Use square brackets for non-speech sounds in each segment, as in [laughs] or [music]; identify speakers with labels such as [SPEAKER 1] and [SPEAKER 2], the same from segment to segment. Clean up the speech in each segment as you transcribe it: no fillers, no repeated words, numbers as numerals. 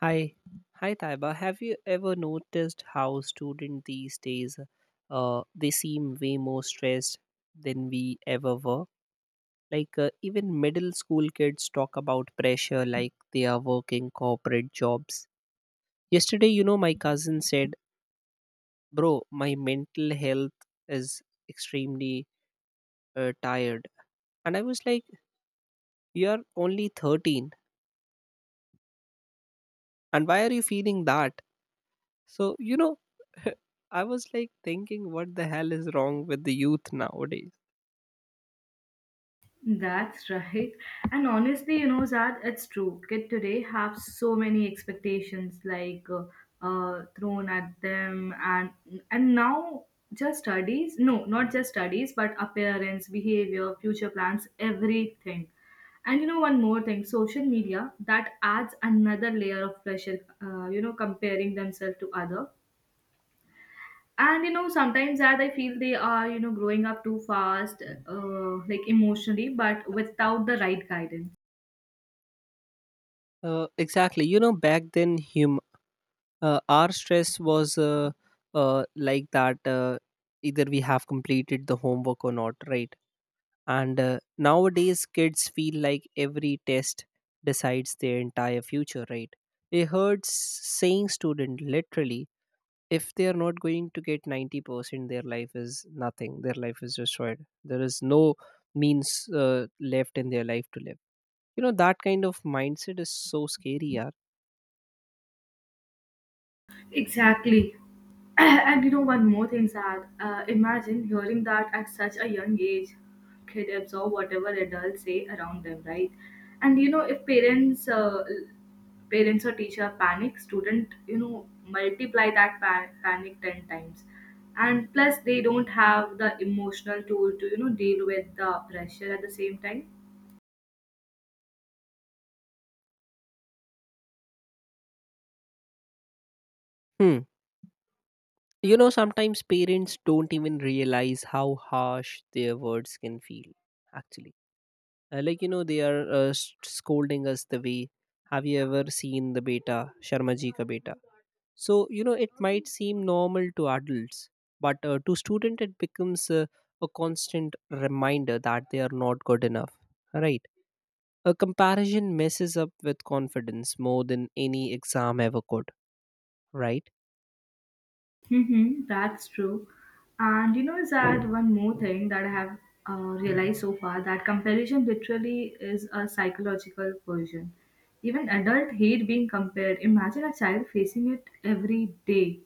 [SPEAKER 1] Hi, hi Taiba. Have you ever noticed how students these days, they seem way more stressed than we ever were? Even middle school kids talk about pressure, like they are working corporate jobs. Yesterday, you know, my cousin said, "Bro, my mental health is extremely tired," and I was like, "You're only 13, and why are you feeling that?" So, you know, [laughs] I was like thinking, what the hell is wrong with the youth nowadays?
[SPEAKER 2] That's right. And honestly, you know, Zad, it's true. Kids today have so many expectations like thrown at them, and now just studies. No, not just studies, but appearance, behavior, future plans, everything. And you know, one more thing, social media that adds another layer of pressure. You know, comparing themselves to other, and you know sometimes that I feel they are, you know, growing up too fast, like emotionally, but without the right guidance.
[SPEAKER 1] Exactly. You know, back then, our stress was like that either we have completed the homework or not, right? And nowadays, kids feel like every test decides their entire future, right? A heard saying student literally, if they are not going to get 90%, their life is nothing, their life is destroyed, there is no means left in their life to live. You know, that kind of mindset is so scary, yeah.
[SPEAKER 2] Exactly. [clears throat] And you know, one more thing, Zach. Imagine hearing that at such a young age. Kid absorb whatever adults say around them, right? And you know, if parents, parents or teacher panic, student, you know, multiply that panic 10 times. And plus, they don't have the emotional tool to deal with the pressure at the same time.
[SPEAKER 1] Hmm. You know, sometimes parents don't even realize how harsh their words can feel, actually. Like, you know, they are scolding us the way. Have you ever seen the beta, sharma ji ka beta? So, you know, it might seem normal to adults, but to student it becomes a constant reminder that they are not good enough, right? A comparison messes up with confidence more than any exam ever could, right?
[SPEAKER 2] Mm-hmm, that's true. And you know, is that one more thing that I have uh, realized so far, that comparison literally is a psychological version. Even adult hate being compared. Imagine a child facing it every day.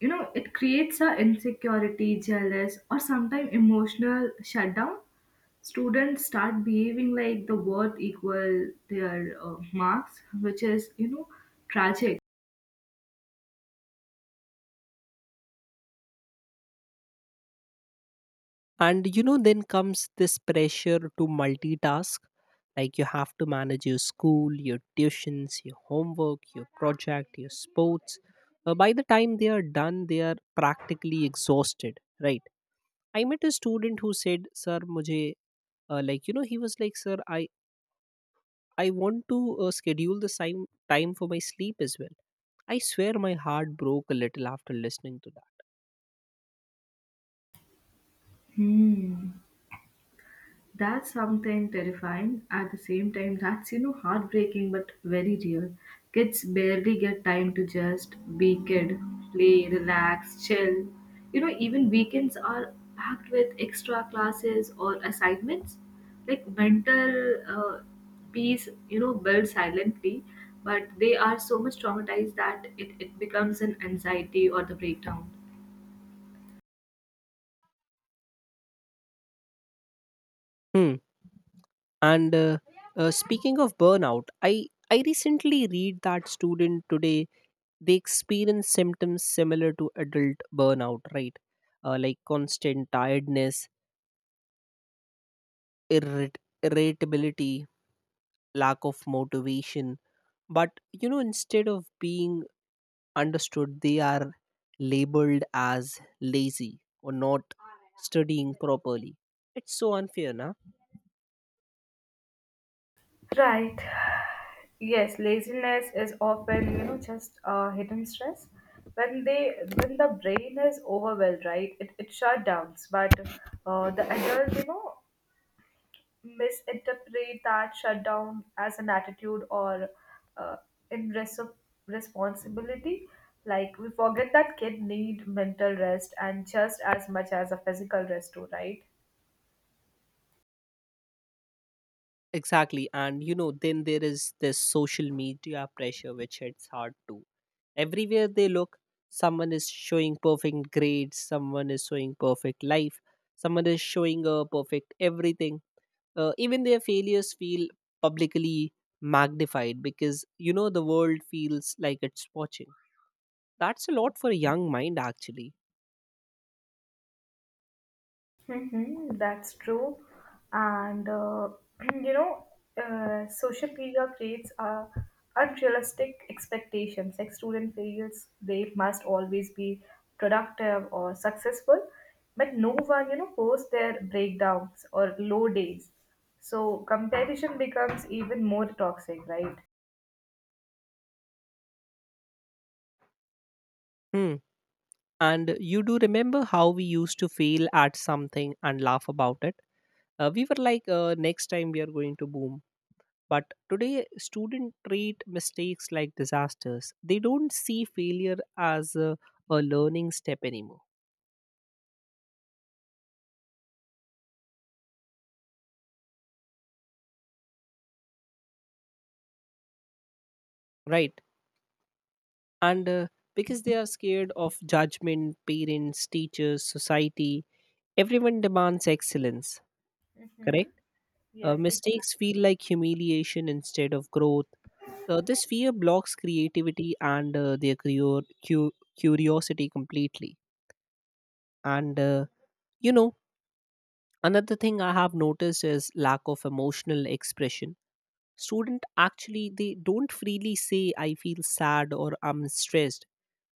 [SPEAKER 2] You know, it creates a insecurity, jealous, or sometimes emotional shutdown. Students start behaving like the worth equal their marks, which is, tragic.
[SPEAKER 1] And you know, then comes this pressure to multitask. Like you have to manage your school, your tuitions, your homework, your project, your sports. By the time they are done, they are practically exhausted, right? I met a student who said, "Sir, मुझे like you know he was like, sir, I want to schedule the same time for my sleep as well." I swear my heart broke a little after listening to that.
[SPEAKER 2] Hmm. That's something terrifying. At the same time, that's, you know, heartbreaking but very real. Kids barely get time to just be kid, play, relax, chill. You know, even weekends are packed with extra classes or assignments. Like mental peace, you know, builds silently, but they are so much traumatized that it becomes an anxiety or the breakdown.
[SPEAKER 1] Hmm. And speaking of burnout, I recently read that student today, they experience symptoms similar to adult burnout, right? Like constant tiredness, irrit- irritability, lack of motivation. But you know, instead of being understood, they are labeled as lazy or not studying properly. It's so unfair, na?
[SPEAKER 2] Right. Yes, laziness is often, you know, just hidden stress. When the brain is overwhelmed, right, it shut down. But the adult, you know, misinterpret that shutdown as an attitude or uh, in res- responsibility. Like we forget that kid need mental rest and just as much as a physical rest too, right?
[SPEAKER 1] Exactly. And you know, then there is this social media pressure which hits hard too. Everywhere they look, someone is showing perfect grades, someone is showing perfect life, someone is showing a perfect everything. Even their failures feel publicly magnified because you know the world feels like it's watching. That's a lot for a young mind, actually.
[SPEAKER 2] Mm-hmm, that's true. And [clears throat] you know, social media creates unrealistic expectations. Like student feels they must always be productive or successful, but no one, posts their breakdowns or low days. So comparison becomes even more toxic, right?
[SPEAKER 1] Hmm. And you do remember how we used to fail at something and laugh about it? We were like, next time we are going to boom. But today, students treat mistakes like disasters. They don't see failure as a learning step anymore, right? And because they are scared of judgment, parents, teachers, society, everyone demands excellence, correct?
[SPEAKER 2] Yes.
[SPEAKER 1] Mistakes feel like humiliation instead of growth. This fear blocks creativity and their cu- curiosity completely. And, you know, another thing I have noticed is lack of emotional expression. Student actually, they don't freely say, I feel sad or I'm stressed.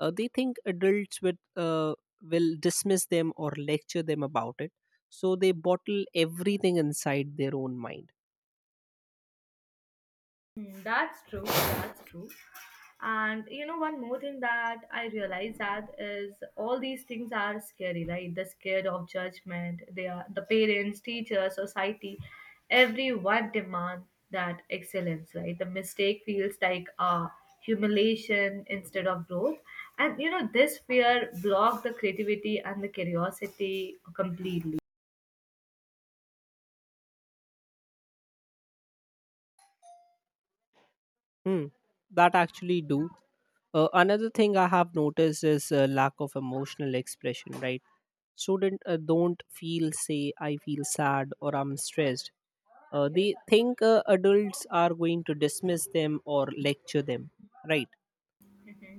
[SPEAKER 1] They think adults will dismiss them or lecture them about it. So they bottle everything inside their own mind.
[SPEAKER 2] That's true. That's true. And you know, one more thing that I realize, that is, all these things are scary, right? They're scared of judgment. They are the parents, teachers, society. Everyone demand that excellence, right? The mistake feels like humiliation instead of growth. And you know, this fear block the creativity and the curiosity completely.
[SPEAKER 1] Hmm, that actually do. Another thing I have noticed is lack of emotional expression, right? Student don't feel say I feel sad or I'm stressed. They think adults are going to dismiss them or lecture them, right?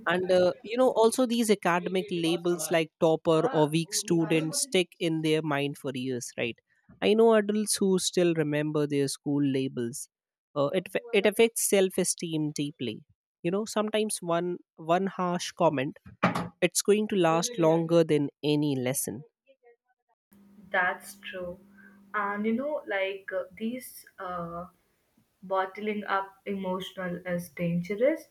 [SPEAKER 1] And you know, also these academic labels like topper or weak student stick in their mind for years, right? I know adults who still remember their school labels. It it affects self esteem deeply. You know, sometimes one harsh comment, it's going to last longer than any lesson.
[SPEAKER 2] That's true. And you know, like, these. Bottling up emotional is dangerous,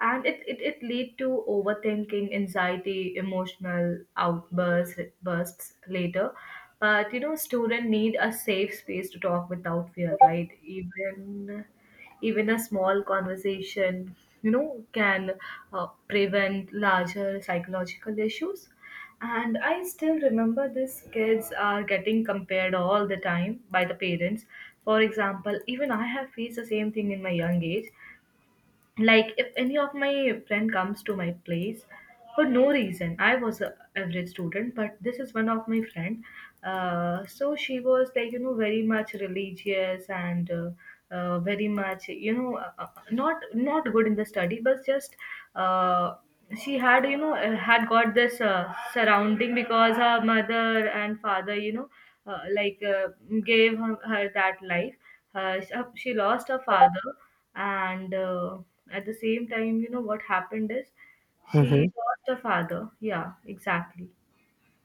[SPEAKER 2] and it lead to overthinking, anxiety, emotional outbursts bursts later. But, students need a safe space to talk without fear, right? Even a small conversation, can prevent larger psychological issues. And I still remember these kids are getting compared all the time by the parents. For example, even I have faced the same thing in my young age. Like, if any of my friend comes to my place, for no reason, I was a average student, but this is one of my friend. So she was like, very much religious, and very much, not good in the study, but just uh, she had you know had got this surrounding, because her mother and father, like, gave her that life. She lost her father, and at the same time, you know what happened is, she
[SPEAKER 1] Mm-hmm,
[SPEAKER 2] lost her father. Yeah, exactly.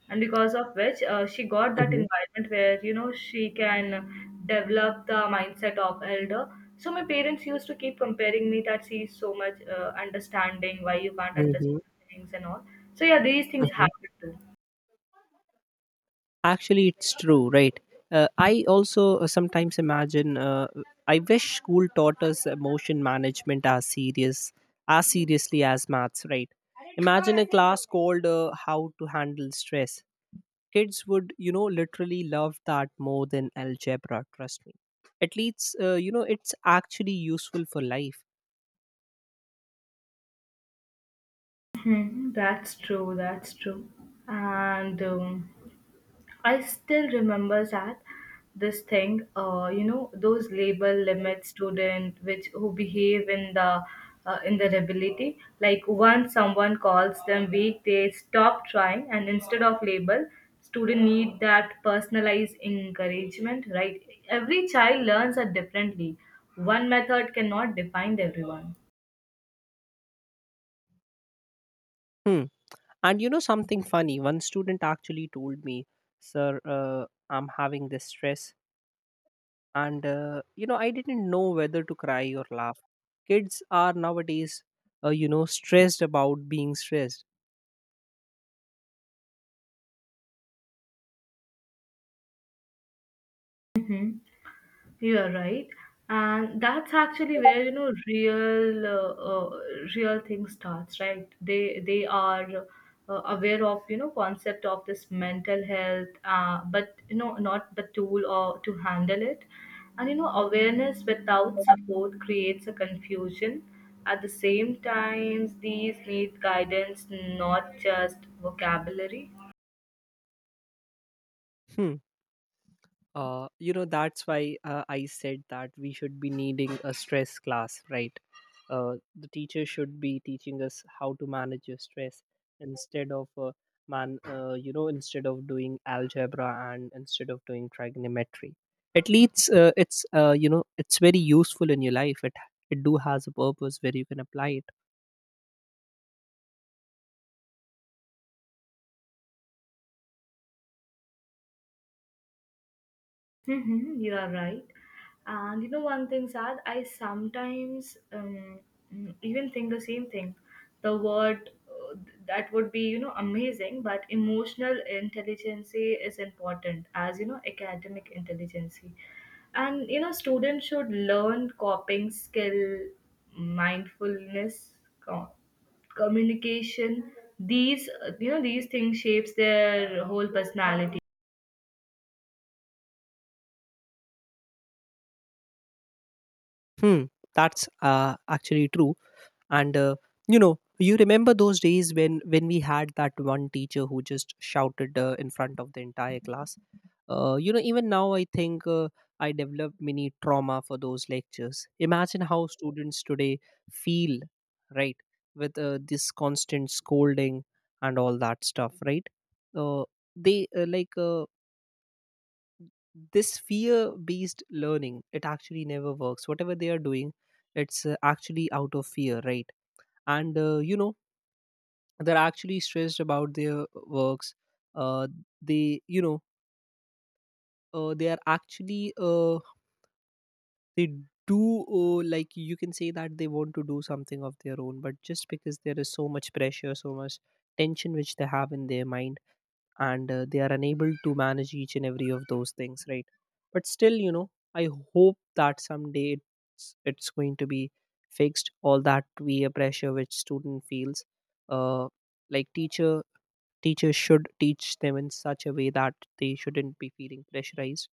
[SPEAKER 2] And because of which, she got that
[SPEAKER 1] mm-hmm,
[SPEAKER 2] environment where, she can develop the mindset of elder. So my parents used to keep comparing me, that she's so much understanding, why you can't
[SPEAKER 1] mm-hmm,
[SPEAKER 2] understand things and all. So, yeah, these things
[SPEAKER 1] mm-hmm.
[SPEAKER 2] happen too.
[SPEAKER 1] Actually, it's true, right? I also sometimes imagine. I wish school taught us emotion management as seriously as maths, right? Imagine a class called "How to Handle Stress." Kids would, you know, literally love that more than algebra. Trust me. At least, you know, it's actually useful for life.
[SPEAKER 2] Hmm, that's true, that's true. And I still remember that this thing, those label limit student, which who behave in the ability. Like, once someone calls them weak, they stop trying, and instead of label, student need that personalized encouragement. Right? Every child learns it differently. One method cannot define everyone.
[SPEAKER 1] Hmm. And you know something funny? One student actually told me, "Sir, I'm having this stress," and you know, I didn't know whether to cry or laugh. Kids are nowadays, you know, stressed about being stressed.
[SPEAKER 2] You are right, and that's actually where, you know, real thing starts, right? They are aware of, concept of this mental health, but, not the tool or to handle it, and, awareness without support creates a confusion. At the same time, these need guidance, not just vocabulary.
[SPEAKER 1] Hmm. You know, that's why I said that we should be needing a stress class, right? The teacher should be teaching us how to manage your stress, instead of man you know, instead of doing algebra and instead of doing trigonometry. At least it's you know, it's very useful in your life. It do has a purpose where you can apply it.
[SPEAKER 2] Mhm, you are right. And you know, one thing, Sad, I sometimes even think the same thing. The word that would be, you know, amazing, but emotional intelligence is important as, you know, academic intelligence. And, you know, students should learn coping skill, mindfulness, co- communication. These, things shapes their whole personality.
[SPEAKER 1] Hmm, that's actually true. And you know, you remember those days when we had that one teacher who just shouted in front of the entire class. You know, even now I think I developed mini trauma for those lectures. Imagine how students today feel, right? With this constant scolding and all that stuff, right? uh, they like This fear based learning, it actually never works. Whatever they are doing, it's actually out of fear, right? And you know, they're actually stressed about their works. Uh, they you know they are actually they do. Like you can say that they want to do something of their own, but just because there is so much pressure, so much tension which they have in their mind, and they are unable to manage each and every of those things, right? But still, you know, I hope that someday it's going to be fixed, all that peer pressure which student feels. Uh, like teacher teachers should teach them in such a way that they shouldn't be feeling pressurized,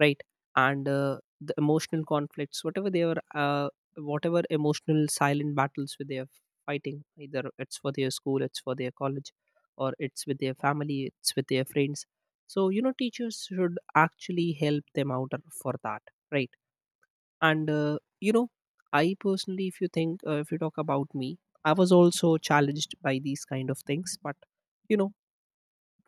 [SPEAKER 1] right? And the emotional conflicts, whatever they are, whatever emotional silent battles with they are fighting, either it's for their school, it's for their college, or it's with their family, it's with their friends. So you know, teachers should actually help them out for that, right? And you know, I personally, if you think if you talk about me, I was also challenged by these kind of things. But you know,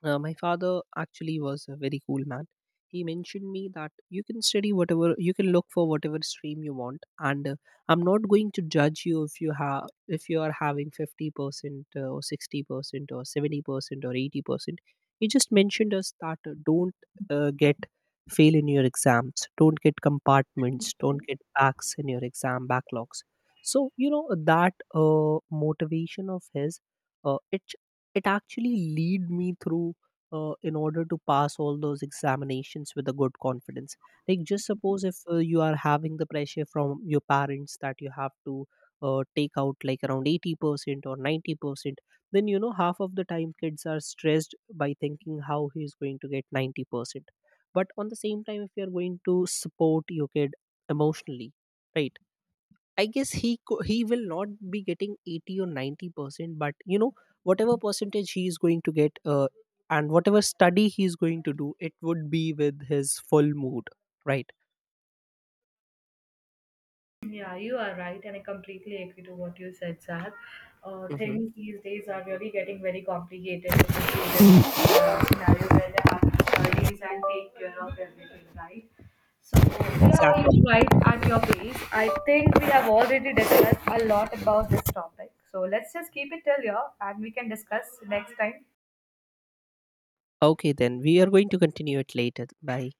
[SPEAKER 1] my father actually was a very cool man. He mentioned me that you can study whatever, you can look for whatever stream you want, and I'm not going to judge you if you are having 50% or 60% or 70% or 80%. He just mentioned us that don't get fail in your exams, don't get compartments, don't get backs in your exam backlogs. So you know, that motivation of his, it it actually lead me through, in order to pass all those examinations with a good confidence. Like just suppose if you are having the pressure from your parents that you have to take out like around 80% or 90%, then you know, half of the time kids are stressed by thinking how he is going to get 90%. But on the same time, if you are going to support your kid emotionally, right? I guess he will not be getting 80 or 90 percent, but you know, whatever percentage he is going to get, and whatever study he is going to do, it would be with his full mood, right?
[SPEAKER 2] Yeah, you are right, and I completely agree to what you said, Sad.
[SPEAKER 1] Hmm.
[SPEAKER 2] Things these days are really getting very complicated, especially scenario where they have to studies and take care of everything, right? So, yeah,
[SPEAKER 1] Exactly.
[SPEAKER 2] each right at your pace. I think we have already discussed a lot about this topic. So, let's just keep it till here, and we can discuss next time.
[SPEAKER 1] Okay, then we are going to continue it later. Bye.